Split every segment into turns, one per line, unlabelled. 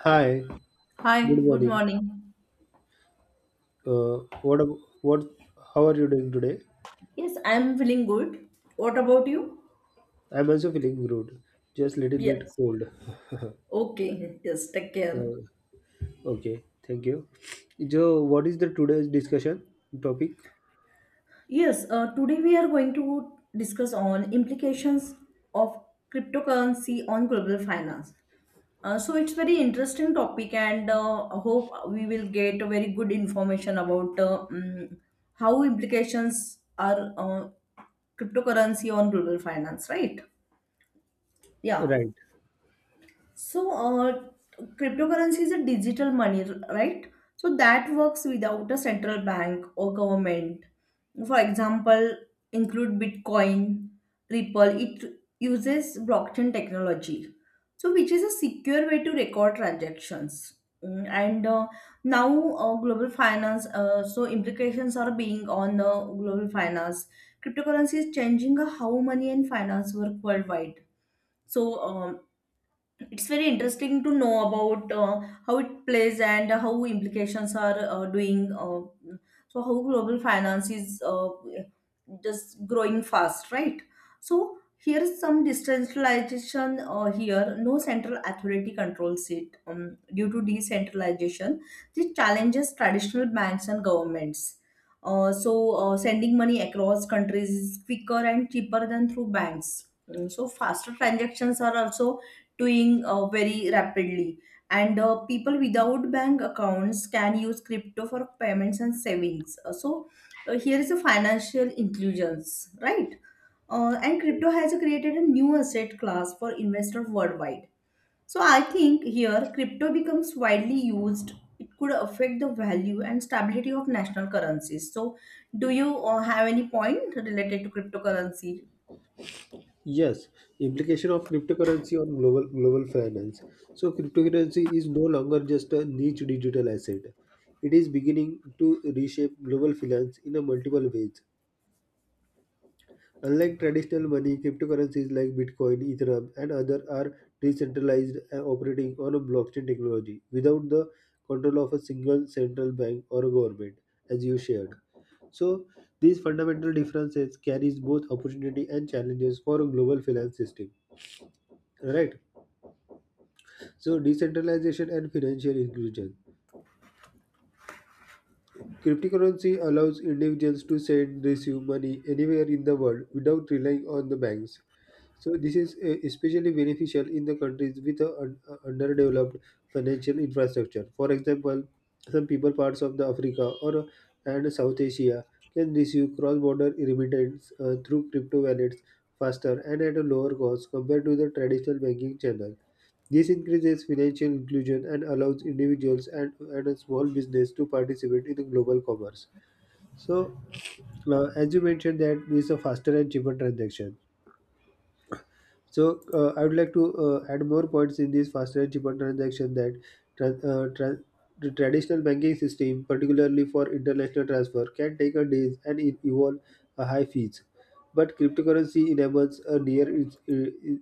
Hi,
Hi,
good
good
morning.
morning.
Uh, what, ab- what, how are you doing today?
Yes, I'm feeling good. What about you?
I'm also feeling good, just little bit
Yes.
cold.
Okay, yes, take care.
Uh, okay, thank you. So, what is the today's discussion topic?
Yes, today we are going to discuss on implications of cryptocurrency on global finance. So it's very interesting topic and I hope we will get a very good information about how implications are cryptocurrency on global finance, right? Yeah.
Right.
So, uh, Cryptocurrency is a digital money, right? So that works without a central bank or government. For example, include Bitcoin, Ripple. It uses blockchain technology, so which is a secure way to record transactions. Mm, And Now, global finance. So implications are being on the global finance. Cryptocurrency is changing how money and finance work worldwide so it's very interesting to know about how it plays and how implications are doing so how global finance is just growing fast, right? So here is some decentralization. Here no central authority controls it. Due to decentralization this challenges traditional banks and governments. Sending money across countries is quicker and cheaper than through banks. So faster transactions are also doing very rapidly. And People without bank accounts can use crypto for payments and savings. Here is a financial inclusions, right? And crypto has created a new asset class for investors worldwide. So I think here crypto becomes widely used. It could affect the value and stability of national currencies. So, do you have any point related to cryptocurrency?
Yes, implication of cryptocurrency on global finance. So, cryptocurrency is no longer just a niche digital asset. It is beginning to reshape global finance in a multiple ways. Unlike traditional money, cryptocurrencies like Bitcoin, Ethereum, and others are decentralized and operating on a blockchain technology without the control of a single central bank or a government, as you shared. So these fundamental differences carries both opportunity and challenges for a global finance system. Right. So decentralization and financial inclusion. Cryptocurrency allows individuals to send, receive money anywhere in the world without relying on the banks. So this is especially beneficial in the countries with a underdeveloped financial infrastructure. For example, some people parts of the Africa or and South Asia can receive cross-border remittance through crypto wallets faster and at a lower cost compared to the traditional banking channel. This increases financial inclusion and allows individuals and a small business to participate in the global commerce. So, as you mentioned, that is a faster and cheaper transaction. So I would like to add more points in this faster and cheaper transaction that tran- uh, tran- the traditional banking system, particularly for international transfer, can take a days and it involve a high fees. But cryptocurrency enables a near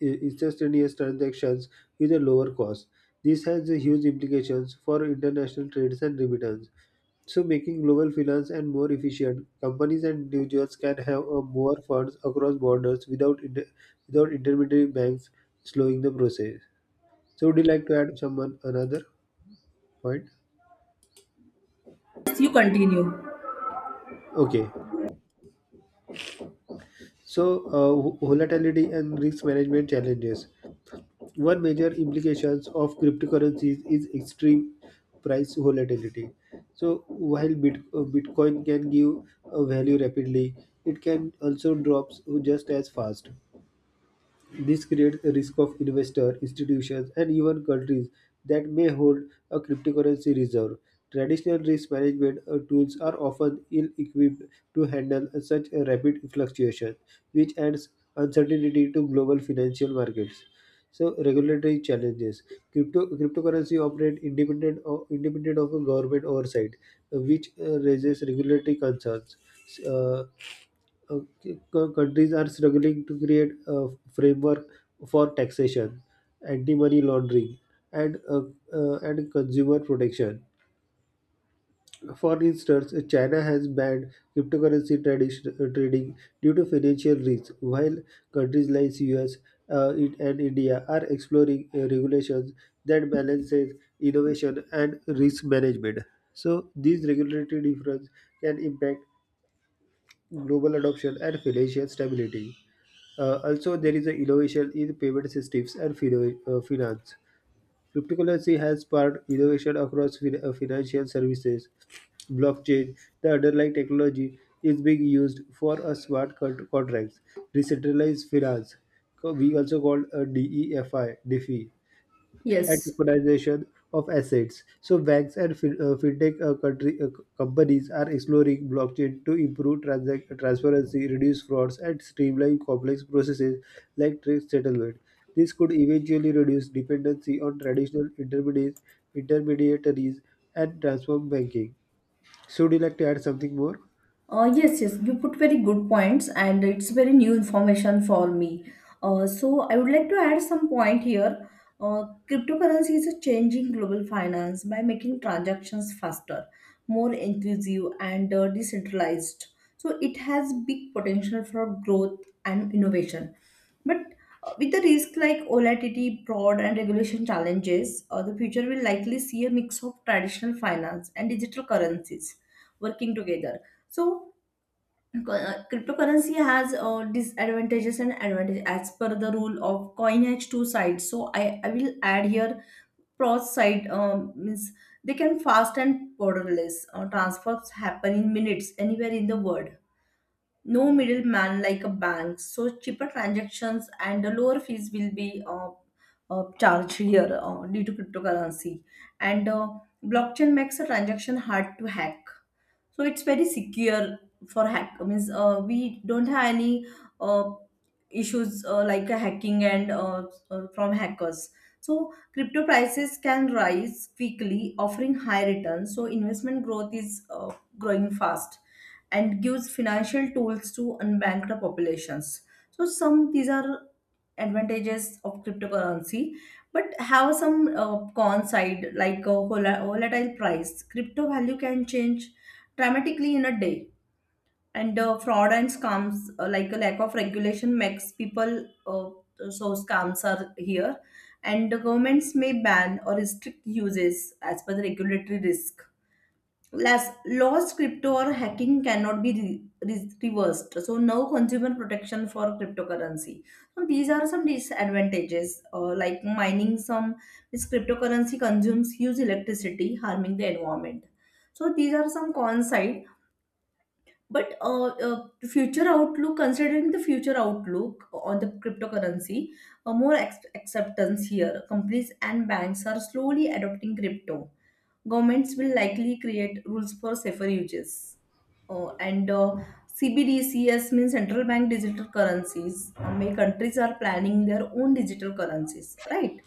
instantaneous transactions with a lower cost. This has a huge implications for international trades and remittance. So, making global finance and more efficient, companies and individuals can have more funds across borders without without intermediary banks slowing the process. So, would you like to add someone another point?
Yes, you continue.
Okay. So, volatility and risk management challenges. One major implications of cryptocurrencies is extreme price volatility. So, while Bitcoin can give value rapidly, it can also drops just as fast. This creates a risk of investors, institutions, and even countries that may hold a cryptocurrency reserve. Traditional risk management tools are often ill equipped to handle such a rapid fluctuation, which adds uncertainty to global financial markets. So, regulatory challenges. Cryptocurrency operate independent of a government oversight, which raises regulatory concerns. S- uh, Okay, countries are struggling to create a framework for taxation, anti-money laundering, and and consumer protection. For instance, China has banned cryptocurrency trading due to financial risks, while countries like US and India are exploring regulations that balances innovation and risk management. So, these regulatory difference can impact global adoption and financial stability. Also, there is a innovation in payment systems and finance. Cryptocurrency has sparked innovation across financial services. Blockchain, the underlying technology, is being used for a smart contracts, decentralized finance. We also called a DEFI, DeFi, and
Yes.
tokenization of assets. So banks and fintech companies are exploring blockchain to improve transparency, reduce frauds, and streamline complex processes like trade settlement. This could eventually reduce dependency on traditional intermediaries and transform banking. So, would you like to add something more?
Yes, you put very good points, and it's very new information for me. So I would like to add some point here. Uh, Cryptocurrency is a changing global finance by making transactions faster, more inclusive, and decentralized. So it has big potential for growth and innovation. But with the risk like volatility, fraud, and regulation challenges, the future will likely see a mix of traditional finance and digital currencies working together. So cryptocurrency has disadvantages and advantages as per the rule of coin has two sides. So I will add here pros side. Means they can fast and borderless. Transfers happen in minutes anywhere in the world. No middleman like a bank. So cheaper transactions and the lower fees will be charged here due to cryptocurrency. And Blockchain makes a transaction hard to hack so it's very secure. For hack means we don't have any uh, issues like hacking and from hackers. So crypto prices can rise quickly offering high returns, so investment growth is growing fast and gives financial tools to unbanked populations. So some these are advantages of cryptocurrency, but have some con side like a volatile price. Crypto value can change dramatically in a day, and fraud and scams like a lack of regulation makes people so scams are here, and the governments may ban or restrict uses as per the regulatory risk. Last, lost crypto or hacking cannot be reversed. So no consumer protection for cryptocurrency. So these are some disadvantages, like mining some this cryptocurrency consumes huge electricity, harming the environment. So these are some cons side. But future outlook, considering the future outlook on the cryptocurrency, more acceptance here. Companies and banks are slowly adopting crypto. Governments will likely create rules for safer uses. And CBDCs means central bank digital currencies. Many countries are planning their own digital currencies, right?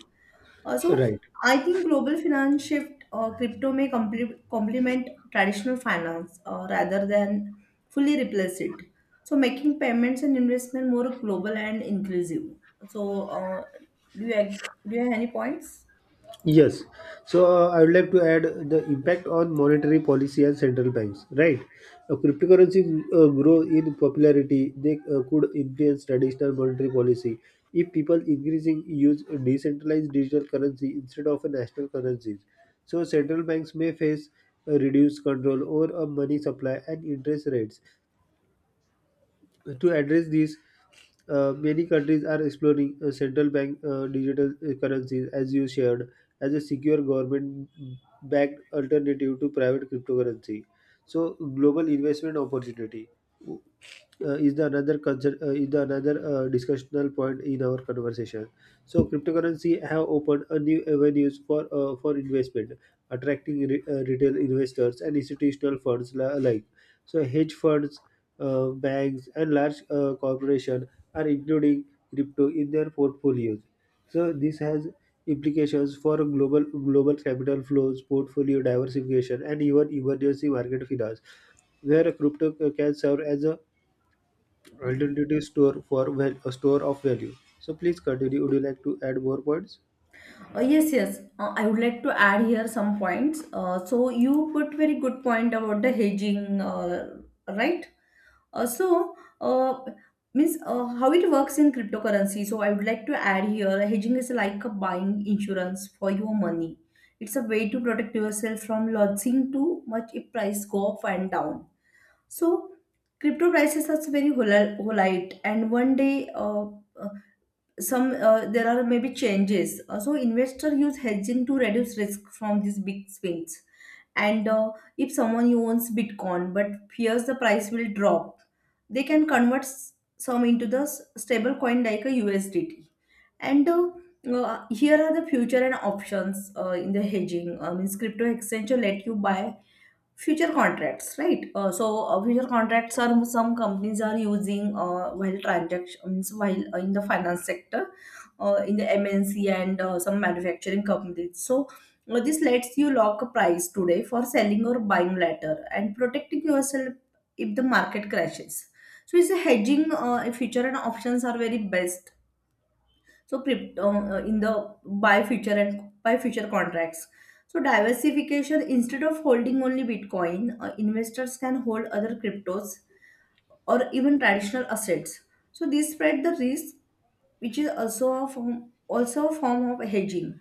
Also,
Right.
I think global finance shift, crypto may complement traditional finance rather than fully replace it. So, making payments and investment more global and inclusive. So, do you ag- do you have any points?
Yes. So I would like to add the impact on monetary policy and central banks. Right. Cryptocurrencies grow in popularity. They could influence traditional monetary policy if people increasing use decentralized digital currency instead of a national currencies. So central banks may face a reduced control over a money supply and interest rates to address these, many countries are exploring central bank digital currencies, as you shared, as a secure government-backed alternative to private cryptocurrency. So, global investment opportunity is the another discussional point in our conversation. So cryptocurrency have opened a new avenues for investment, attracting retail investors and institutional funds alike. So hedge funds, banks, and large corporations are including crypto in their portfolios. So this has implications for global capital flows, portfolio diversification, and even emergency market finance where crypto can serve as a Identity store for a store of value. So please continue. Would you like to add more points?
Yes. I would like to add here some points. So you put very good point about the hedging, right? Uh, so, uh, Means how it works in cryptocurrency. So, I would like to add here, hedging is like a buying insurance for your money. It's a way to protect yourself from losing too much if price go up and down. So, crypto prices are very volatile, and one day some there are maybe changes. So investor use hedging to reduce risk from these big swings. And If someone owns Bitcoin but fears the price will drop, they can convert some into the stable coin like a USDT. And Here are the future and options in the hedging. I means crypto exchange will let you buy future contracts, right? Future contracts are some companies are using while transactions while in the finance sector, in the mnc and some manufacturing companies. So this lets you lock a price today for selling or buying later and protecting yourself if the market crashes. So it's a hedging. Future and options are very best. So crypto in the buy future and buy future contracts. So diversification, instead of holding only Bitcoin, investors can hold other cryptos or even traditional assets. So this spread the risk, which is also a form of hedging.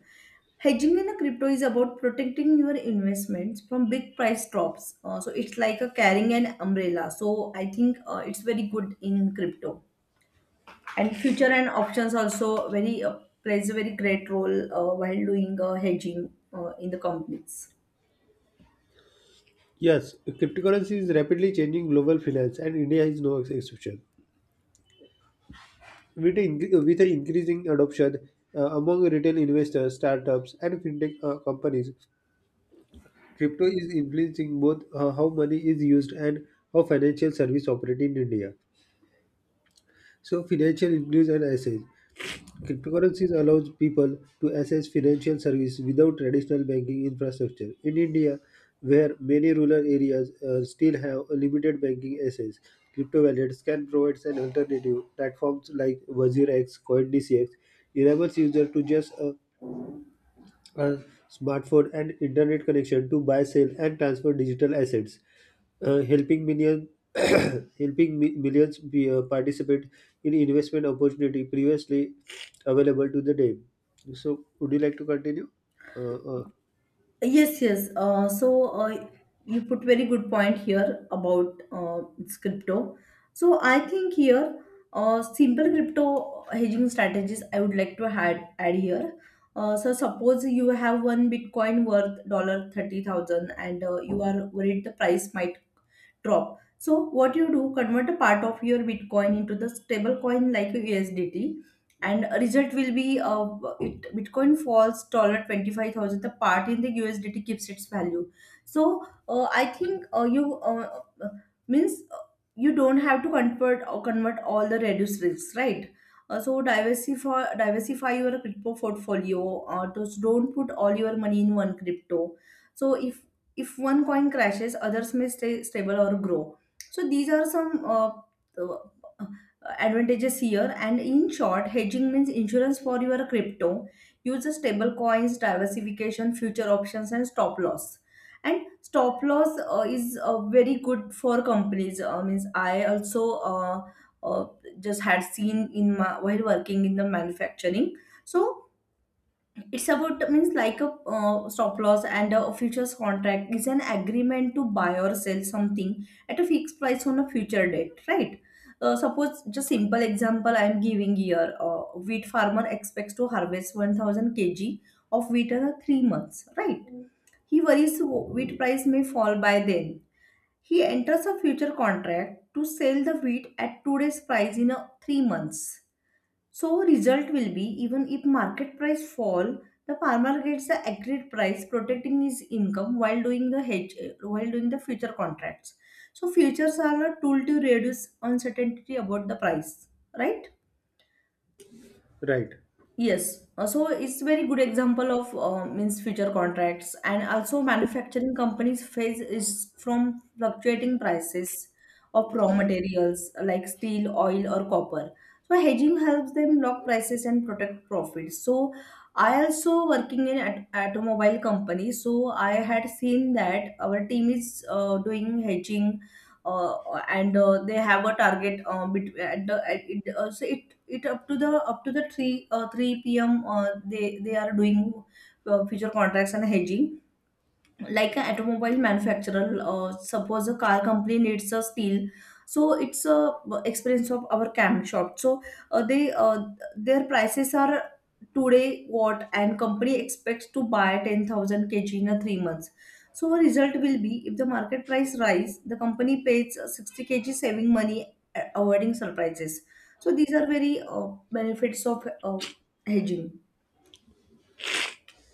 Hedging in a crypto is about protecting your investments from big price drops. So it's like a carrying an umbrella. So I think it's very good in crypto and future and options also very plays a very great role while doing hedging in the companies.
Yes, cryptocurrency is rapidly changing global finance, and India is no exception. With, in- with an increasing adoption among retail investors, startups, and fintech companies, crypto is influencing both how money is used and how financial services operate in India. So, financial inclusion and assets. Cryptocurrencies allows people to access financial services without traditional banking infrastructure. In India, where many rural areas still have a limited banking access, crypto wallets can provide an alternative. Platforms like WazirX, CoinDCX enables users to just a smartphone and internet connection to buy, sell, and transfer digital assets, helping million helping millions participate in investment opportunity previously available to the day. So, would you like to continue? Uh, uh,
Yes, you put very good point here about it's crypto. So I think here simple crypto hedging strategies I would like to add here. So suppose you have one Bitcoin worth dollar 30,000 and you are worried the price might drop. So what you do, convert a part of your Bitcoin into the stable coin like USDT, and result will be Bitcoin falls dollar 25,000. The part in the USDT keeps its value. So I think you means you don't have to convert or convert all the reduced risks, right? So diversify your crypto portfolio. Just don't put all your money in one crypto. So if one coin crashes others may stay stable or grow. So these are some uh, advantages here, and in short hedging means insurance for your crypto. Use the stable coins, diversification, future options, and stop loss. And stop loss is very good for companies. Means I also uh, just had seen in my while working in the manufacturing. So it's about means like a stop loss, and a futures contract is an agreement to buy or sell something at a fixed price on a future date, right? Suppose just simple example I am giving here. Wheat farmer expects to harvest 1,000 kg of wheat in 3 months, right? He worries wheat price may fall by then. He enters a future contract to sell the wheat at today's price in a 3 months. So result will be even if market price fall, the farmer gets the agreed price, protecting his income while doing the hedge, while doing the future contracts. So futures are a tool to reduce uncertainty about the price, right?
right.
Yes, so it's very good example of means future contracts, and also manufacturing companies face is from fluctuating prices of raw materials like steel, oil or copper. So hedging helps them lock prices and protect profits. So I also working in at automobile company. So I had seen that our team is doing hedging and they have a target at the at it, so it up to the 3 p.m. They are doing future contracts and hedging like an automobile manufacturer. Suppose a car company needs a steel. So it's a experience of our cam shop. So they their prices are today what, and company expects to buy 10,000 kg in a 3 months. So our result will be if the market price rise the company pays 60 kg saving money, avoiding surprises. So these are very benefits of hedging.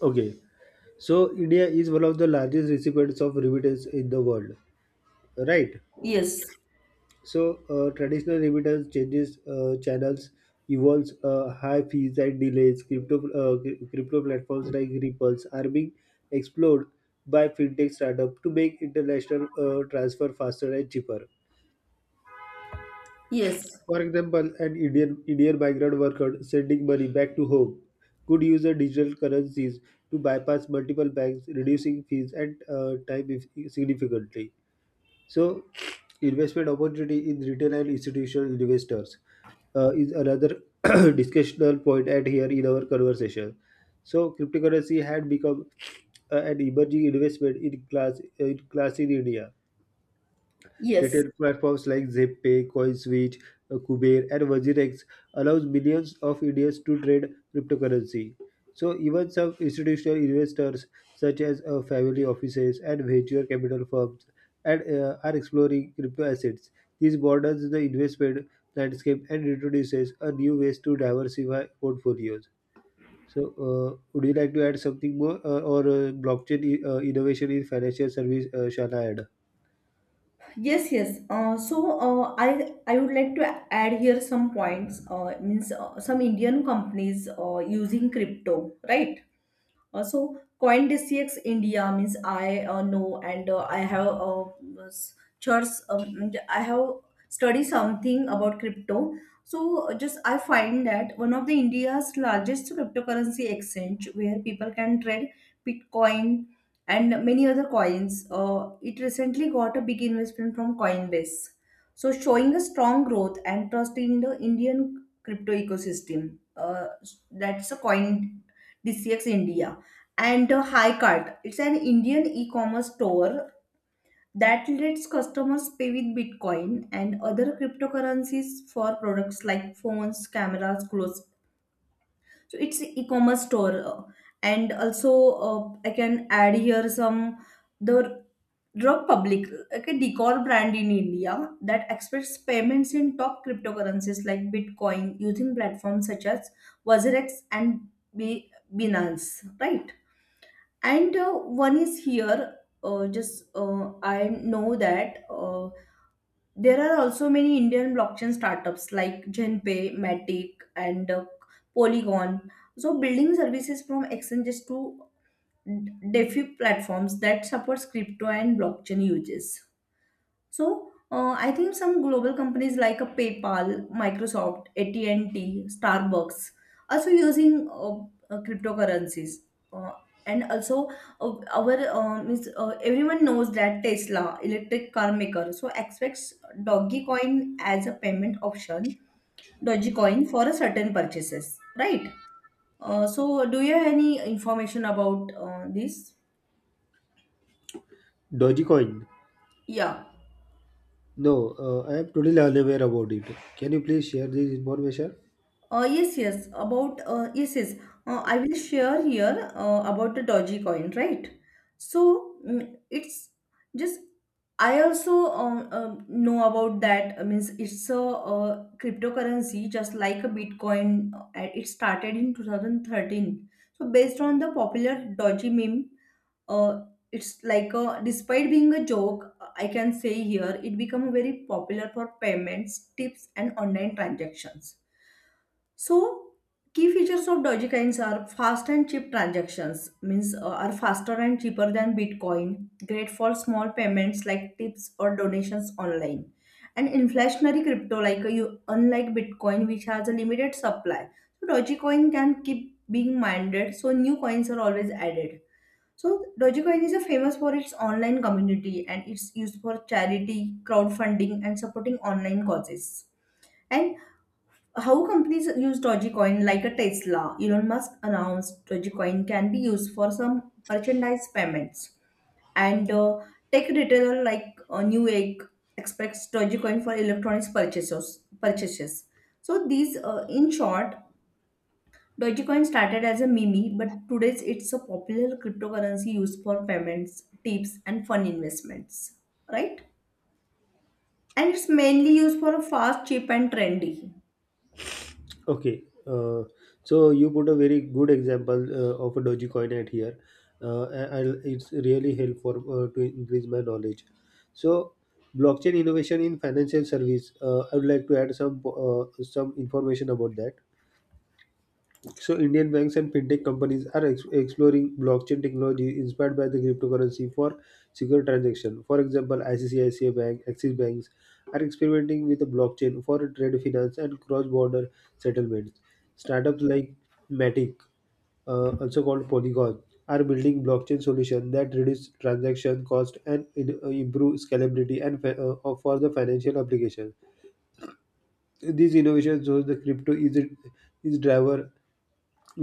Okay. So, India is one of the largest recipients of remittance in the world. Right.
Yes,
So traditional remittance changes channels involves high fees and delays. Crypto platforms like Ripples are being explored by fintech startup to make international transfer faster and cheaper.
yes.
For example, an Indian migrant worker sending money back to home could use the digital currencies to bypass multiple banks, reducing fees and time significantly. So, investment opportunity in retail and institutional investors is another discussional point at here in our conversation. So, cryptocurrency had become an emerging investment in class in class in India.
yes
Retail platforms like ZipPay, CoinSwitch, Kuber, and Virginex allows millions of Indians to trade cryptocurrency. So even some institutional investors, such as family offices and venture capital firms, and are exploring crypto assets. This broadens the investment landscape and introduces a new ways to diversify portfolios. So, would you like to add something more, or blockchain innovation in financial service? Shall I add
Yes, I would like to add here some points. Means some Indian companies using crypto, right? So CoinDCX India, means I know, and I have church, and I have studied something about crypto. So just I find that one of the India's largest cryptocurrency exchange where people can trade Bitcoin and many other coins. It recently got a big investment from Coinbase. So showing a strong growth and trust in the Indian crypto ecosystem. That's a coin DCX India and Hi. It's an Indian e-commerce store that lets customers pay with Bitcoin and other cryptocurrencies for products like phones, cameras, clothes. So it's an e-commerce store, and also I can add here some the drug public, like a decor brand in India that accepts payments in top cryptocurrencies like Bitcoin using platforms such as Wazerex and B- Binance, right? and one is here just I know that there are also many Indian blockchain startups like Genpay, Matic, and Polygon, so building services from exchanges to DeFi platforms that supports crypto and blockchain uses. So I think some global companies like a PayPal, Microsoft, AT&T, Starbucks also using cryptocurrencies. Uh, and also our is, everyone knows that Tesla, electric car maker, so expects Dogecoin as a payment option, Dogecoin for a certain purchases, right? So do you have any information about this?
Dogecoin?
Yeah.
No, I am totally unaware about it. Can you please share this information?
Yes, yes. I will share here about the Doji coin, right? So mm, it's just I also know about that. I means it's a, cryptocurrency, just like a Bitcoin. And It started in 2013. So based on the popular Doge meme, uh, it's like a, despite being a joke, I can say here it become very popular for payments, tips, and online transactions. So, key features of Dogecoins are fast and cheap transactions, means are faster and cheaper than Bitcoin, great for small payments like tips or donations online. And inflationary crypto, like unlike Bitcoin, which has a limited supply, so Dogecoin can keep being mined, so new coins are always added. So Dogecoin is a famous for its online community and it's used for charity, crowdfunding, and supporting online causes. And how companies use Dogecoin like a Tesla? Elon Musk announced Dogecoin can be used for some merchandise payments. And tech retailer like Newegg expects Dogecoin for electronics purchases. So these, in short, Dogecoin started as a meme, but today it's a popular cryptocurrency used for payments, tips, and fun investments. Right? And it's mainly used for fast, cheap, and trendy.
Okay, so you put a very good example of a Dogecoin at here. I'll, it's really helpful to increase my knowledge. So, blockchain innovation in financial service. I would like to add some information about that. So Indian banks and fintech companies are exploring blockchain technology inspired by the cryptocurrency for secure transaction. For example, ICICI Bank, Axis Banks are experimenting with the blockchain for trade finance and cross-border settlements. Startups like Matic, also called Polygon, are building blockchain solution that reduce transaction cost and improve scalability and for the financial application. These innovations shows the crypto is driver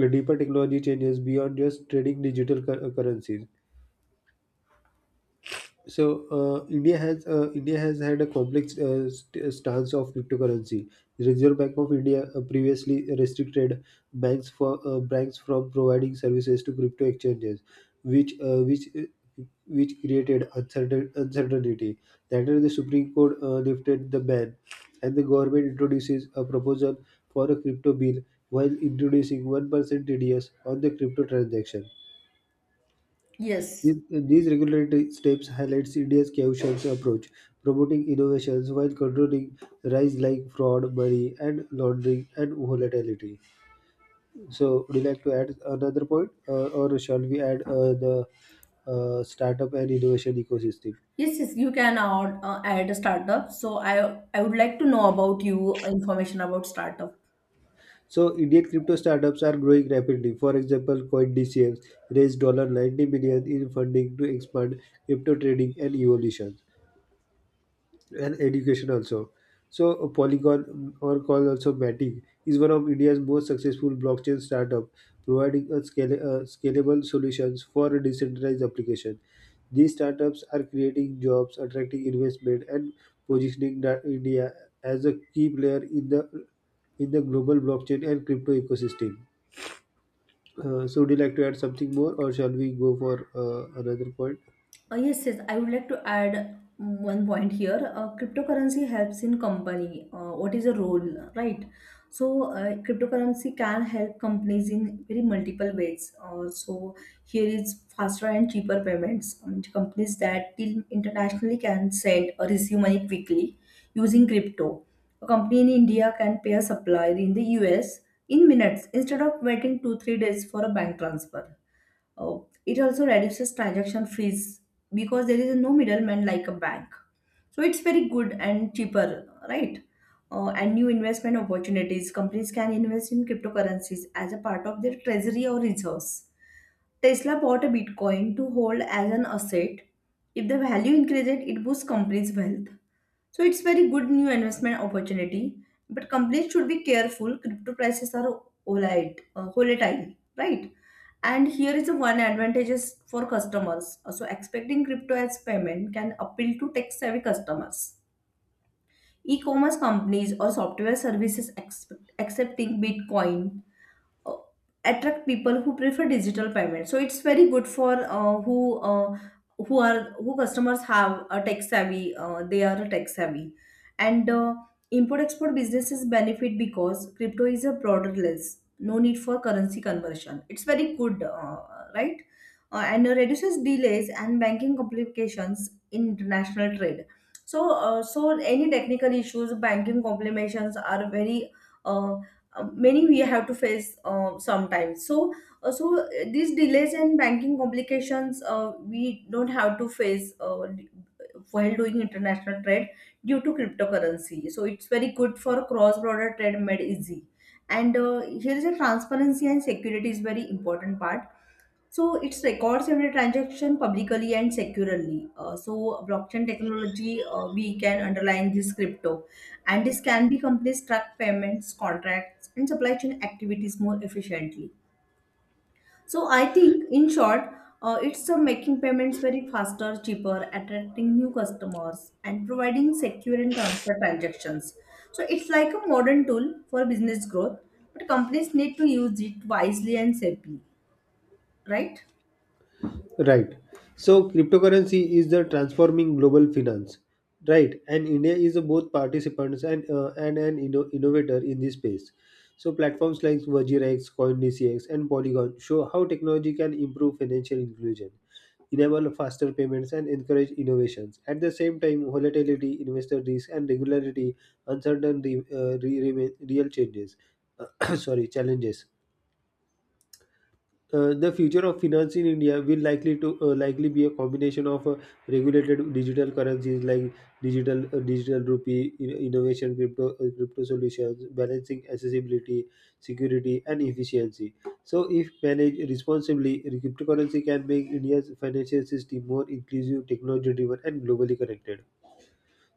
deeper technology changes beyond just trading currencies. So India has had a complex stance of cryptocurrency. The Reserve Bank of India previously restricted banks from providing services to crypto exchanges, which uh, which uh, which created uncertainty. Later, the Supreme Court lifted the ban, and the government introduces a proposal for a crypto bill while introducing 1% TDS on the crypto transaction.
Yes.
These regulatory steps highlight India's cautious approach, promoting innovations while controlling rise like fraud, money, and laundering and volatility. So, would you like to add another point, or shall we add the startup and innovation ecosystem?
Yes, yes, you can add, add a startup. So I would like to know about you information about startup.
So, Indian crypto startups are growing rapidly. For example, CoinDCX raised $90 million dollars in funding to expand crypto trading and evolution. And education also. So Polygon, or called also Matic, is one of India's most successful blockchain startup, providing a scalable solutions for a decentralized application. These startups are creating jobs, attracting investment, and positioning India as a key player in the global blockchain and crypto ecosystem. So, would you like to add something more, or shall we go for another point?
Yes, yes. I would like to add one point here. Cryptocurrency helps in company. What is the role, right? So, cryptocurrency can help companies in very multiple ways. So, here is faster and cheaper payments. Companies that deal internationally can send or receive money quickly using crypto. A company in India can pay a supplier in the US in minutes instead of waiting two three days for a bank transfer. uh, it also reduces transaction fees because there is no middleman like a bank. So it's very good and cheaper, right? And new investment opportunities. Companies can invest in cryptocurrencies as a part of their treasury or reserves. Tesla bought a Bitcoin to hold as an asset. If the value increases, it boosts companies' wealth. So it's very good new investment opportunity. But companies should be careful. Crypto prices are volatile, right? And here is the one advantages for customers. So expecting crypto as payment can appeal to tech-savvy customers. E-commerce companies or software services expect, accepting Bitcoin uh, attract people who prefer digital payment, so it's very good for who are who customers have a tech savvy, they are a tech savvy. And import export businesses benefit because crypto is a borderless, no need for currency conversion, it's very good, right. And reduces delays and banking complications in international trade. So any technical issues, banking complications are very uh, many we have to face sometimes. So these delays and banking complications we don't have to face while doing international trade due to cryptocurrency, so it's very good for cross border trade made easy. And here is a transparency and security is very important part, so it records every transaction publicly and securely. So blockchain technology, we can underline this crypto, and this can be companies track payments, contracts, and supply chain activities more efficiently. So I think, in short, it's making payments very faster, cheaper, attracting new customers, and providing secure and transparent transactions. So it's like a modern tool for business growth, but companies need to use it wisely and safely, right?
Right. So cryptocurrency is the transforming global finance. Right. And India is a both participants and an innovator in this space. So platforms like Vajirax, CoinDCX, and Polygon show how technology can improve financial inclusion, enable faster payments, and encourage innovations. At the same time, volatility, investor risk, and regularity, uncertainty remain real changes. Sorry, challenges. The future of finance in India will likely be a combination of regulated digital currencies like digital digital rupee, innovation, crypto solutions, balancing accessibility, security, and efficiency. So, if managed responsibly, cryptocurrency can make India's financial system more inclusive, technology-driven, and globally connected.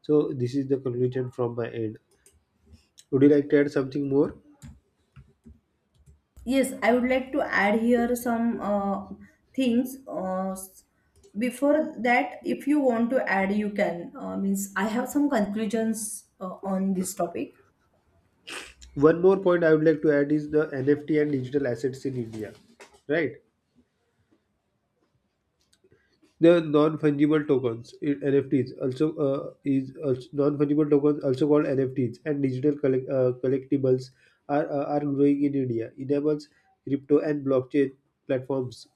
So, this is the conclusion from my end. Would you like to add something more?
Yes, I would like to add here some things. Before that, if you want to add, you can. Means I have some conclusions on this topic.
One more point I would like to add is the NFT and digital assets in India, right? The (NFTs) also non-fungible tokens, also called NFTs, and collectibles are growing in India. Enables crypto and blockchain platforms.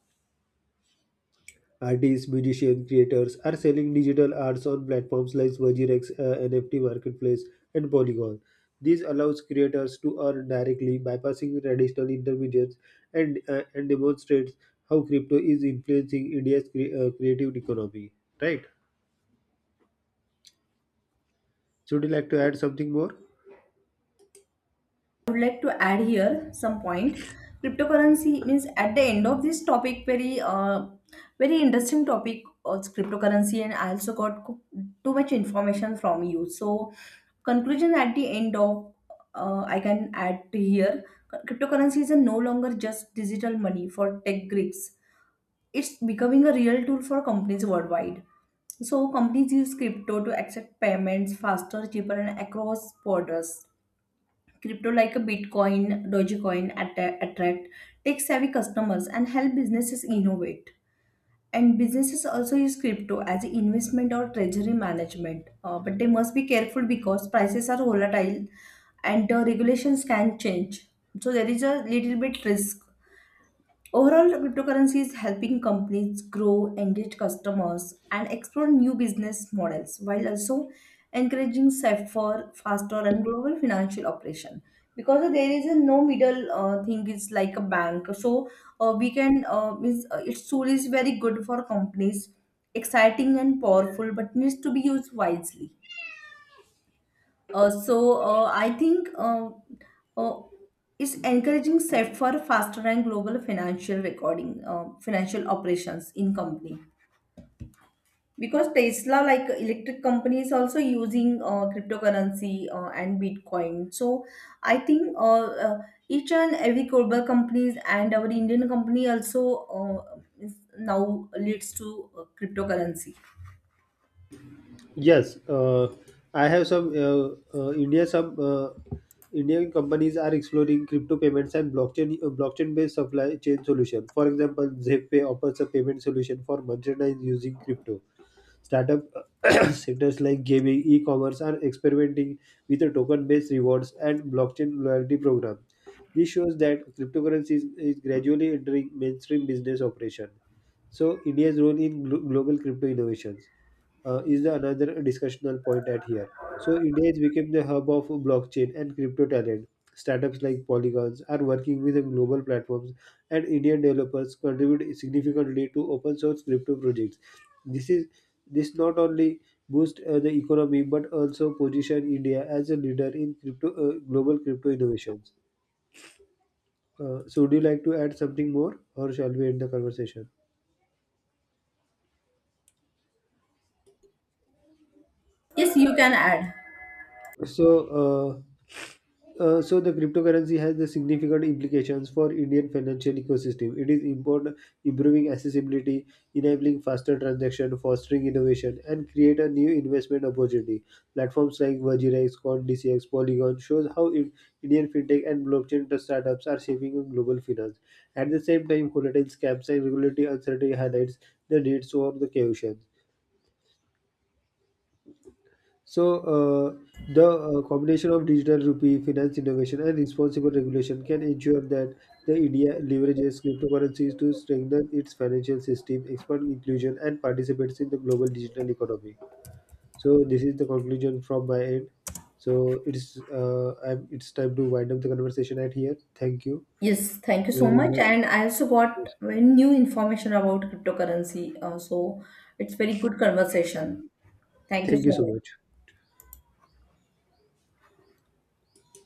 Artists, musicians, creators are selling digital arts on platforms like Virgirex, NFT Marketplace, and Polygon. This allows creators to earn directly, bypassing traditional intermediaries, and demonstrates how crypto is influencing India's creative economy. Right. So would you like to add something more?
I would like to add here some point. Cryptocurrency means at the end of this topic, very interesting topic of cryptocurrency, and I also got too much information from you. So conclusion at the end of I can add to here. Cryptocurrency is a no longer just digital money for tech geeks. It's becoming a real tool for companies worldwide. So companies use crypto to accept payments faster, cheaper, and across borders. Crypto like a Bitcoin, Dogecoin attract tech-savvy customers and help businesses innovate. And businesses also use crypto as an investment or treasury management. But they must be careful because prices are volatile and the regulations can change. So there is a little bit risk. Overall, cryptocurrency is helping companies grow, engage customers, and explore new business models while also encouraging safer, faster, and global financial operation. Because there is a no middle thing, it's like a bank. So we can means its tool is very good for companies, exciting and powerful, but needs to be used wisely. I think uh, it's encouraging set for faster and global financial financial operations in company. Because Tesla, like electric company, is also using cryptocurrency and Bitcoin. So I think each and every global companies and our Indian company also is now leads to cryptocurrency.
Yes, I have some India. Some Indian companies are exploring crypto payments and blockchain-based supply chain solution. For example, ZepPay offers a payment solution for merchandise using crypto. Startup sectors like gaming, e-commerce are experimenting with a token-based rewards and blockchain loyalty program. This shows that cryptocurrency is gradually entering mainstream business operation. So India's role in global crypto innovations is the another discussional point at here. So India has become the hub of blockchain and crypto talent. Startups like Polygons are working with the global platforms, and Indian developers contribute significantly to open source crypto projects. This is this not only boost the economy but also position India as a leader in crypto global crypto innovations. So, would you like to add something more, or shall we end the conversation?
Yes, you can add.
So. Uh, so the cryptocurrency has the significant implications for Indian financial ecosystem. It is important improving accessibility, enabling faster transaction, fostering innovation, and create a new investment opportunity. Platforms like Vajira, Coin DCX, Polygon shows how Indian fintech and blockchain startups are shaping global finance. At the same time, volatile scams and regulatory uncertainty highlights the needs for the caution. So, the combination of digital rupee, finance innovation, and responsible regulation can ensure that the India leverages cryptocurrencies to strengthen its financial system, expand inclusion, and participates in the global digital economy. So, this is the conclusion from my end. So, it's time to wind up the conversation at here. Thank you
Yes, thank you so
very
much.
much.
And I also got very new information about cryptocurrency. So it's very good conversation. Thank you
Thank you
so
so
much.
much.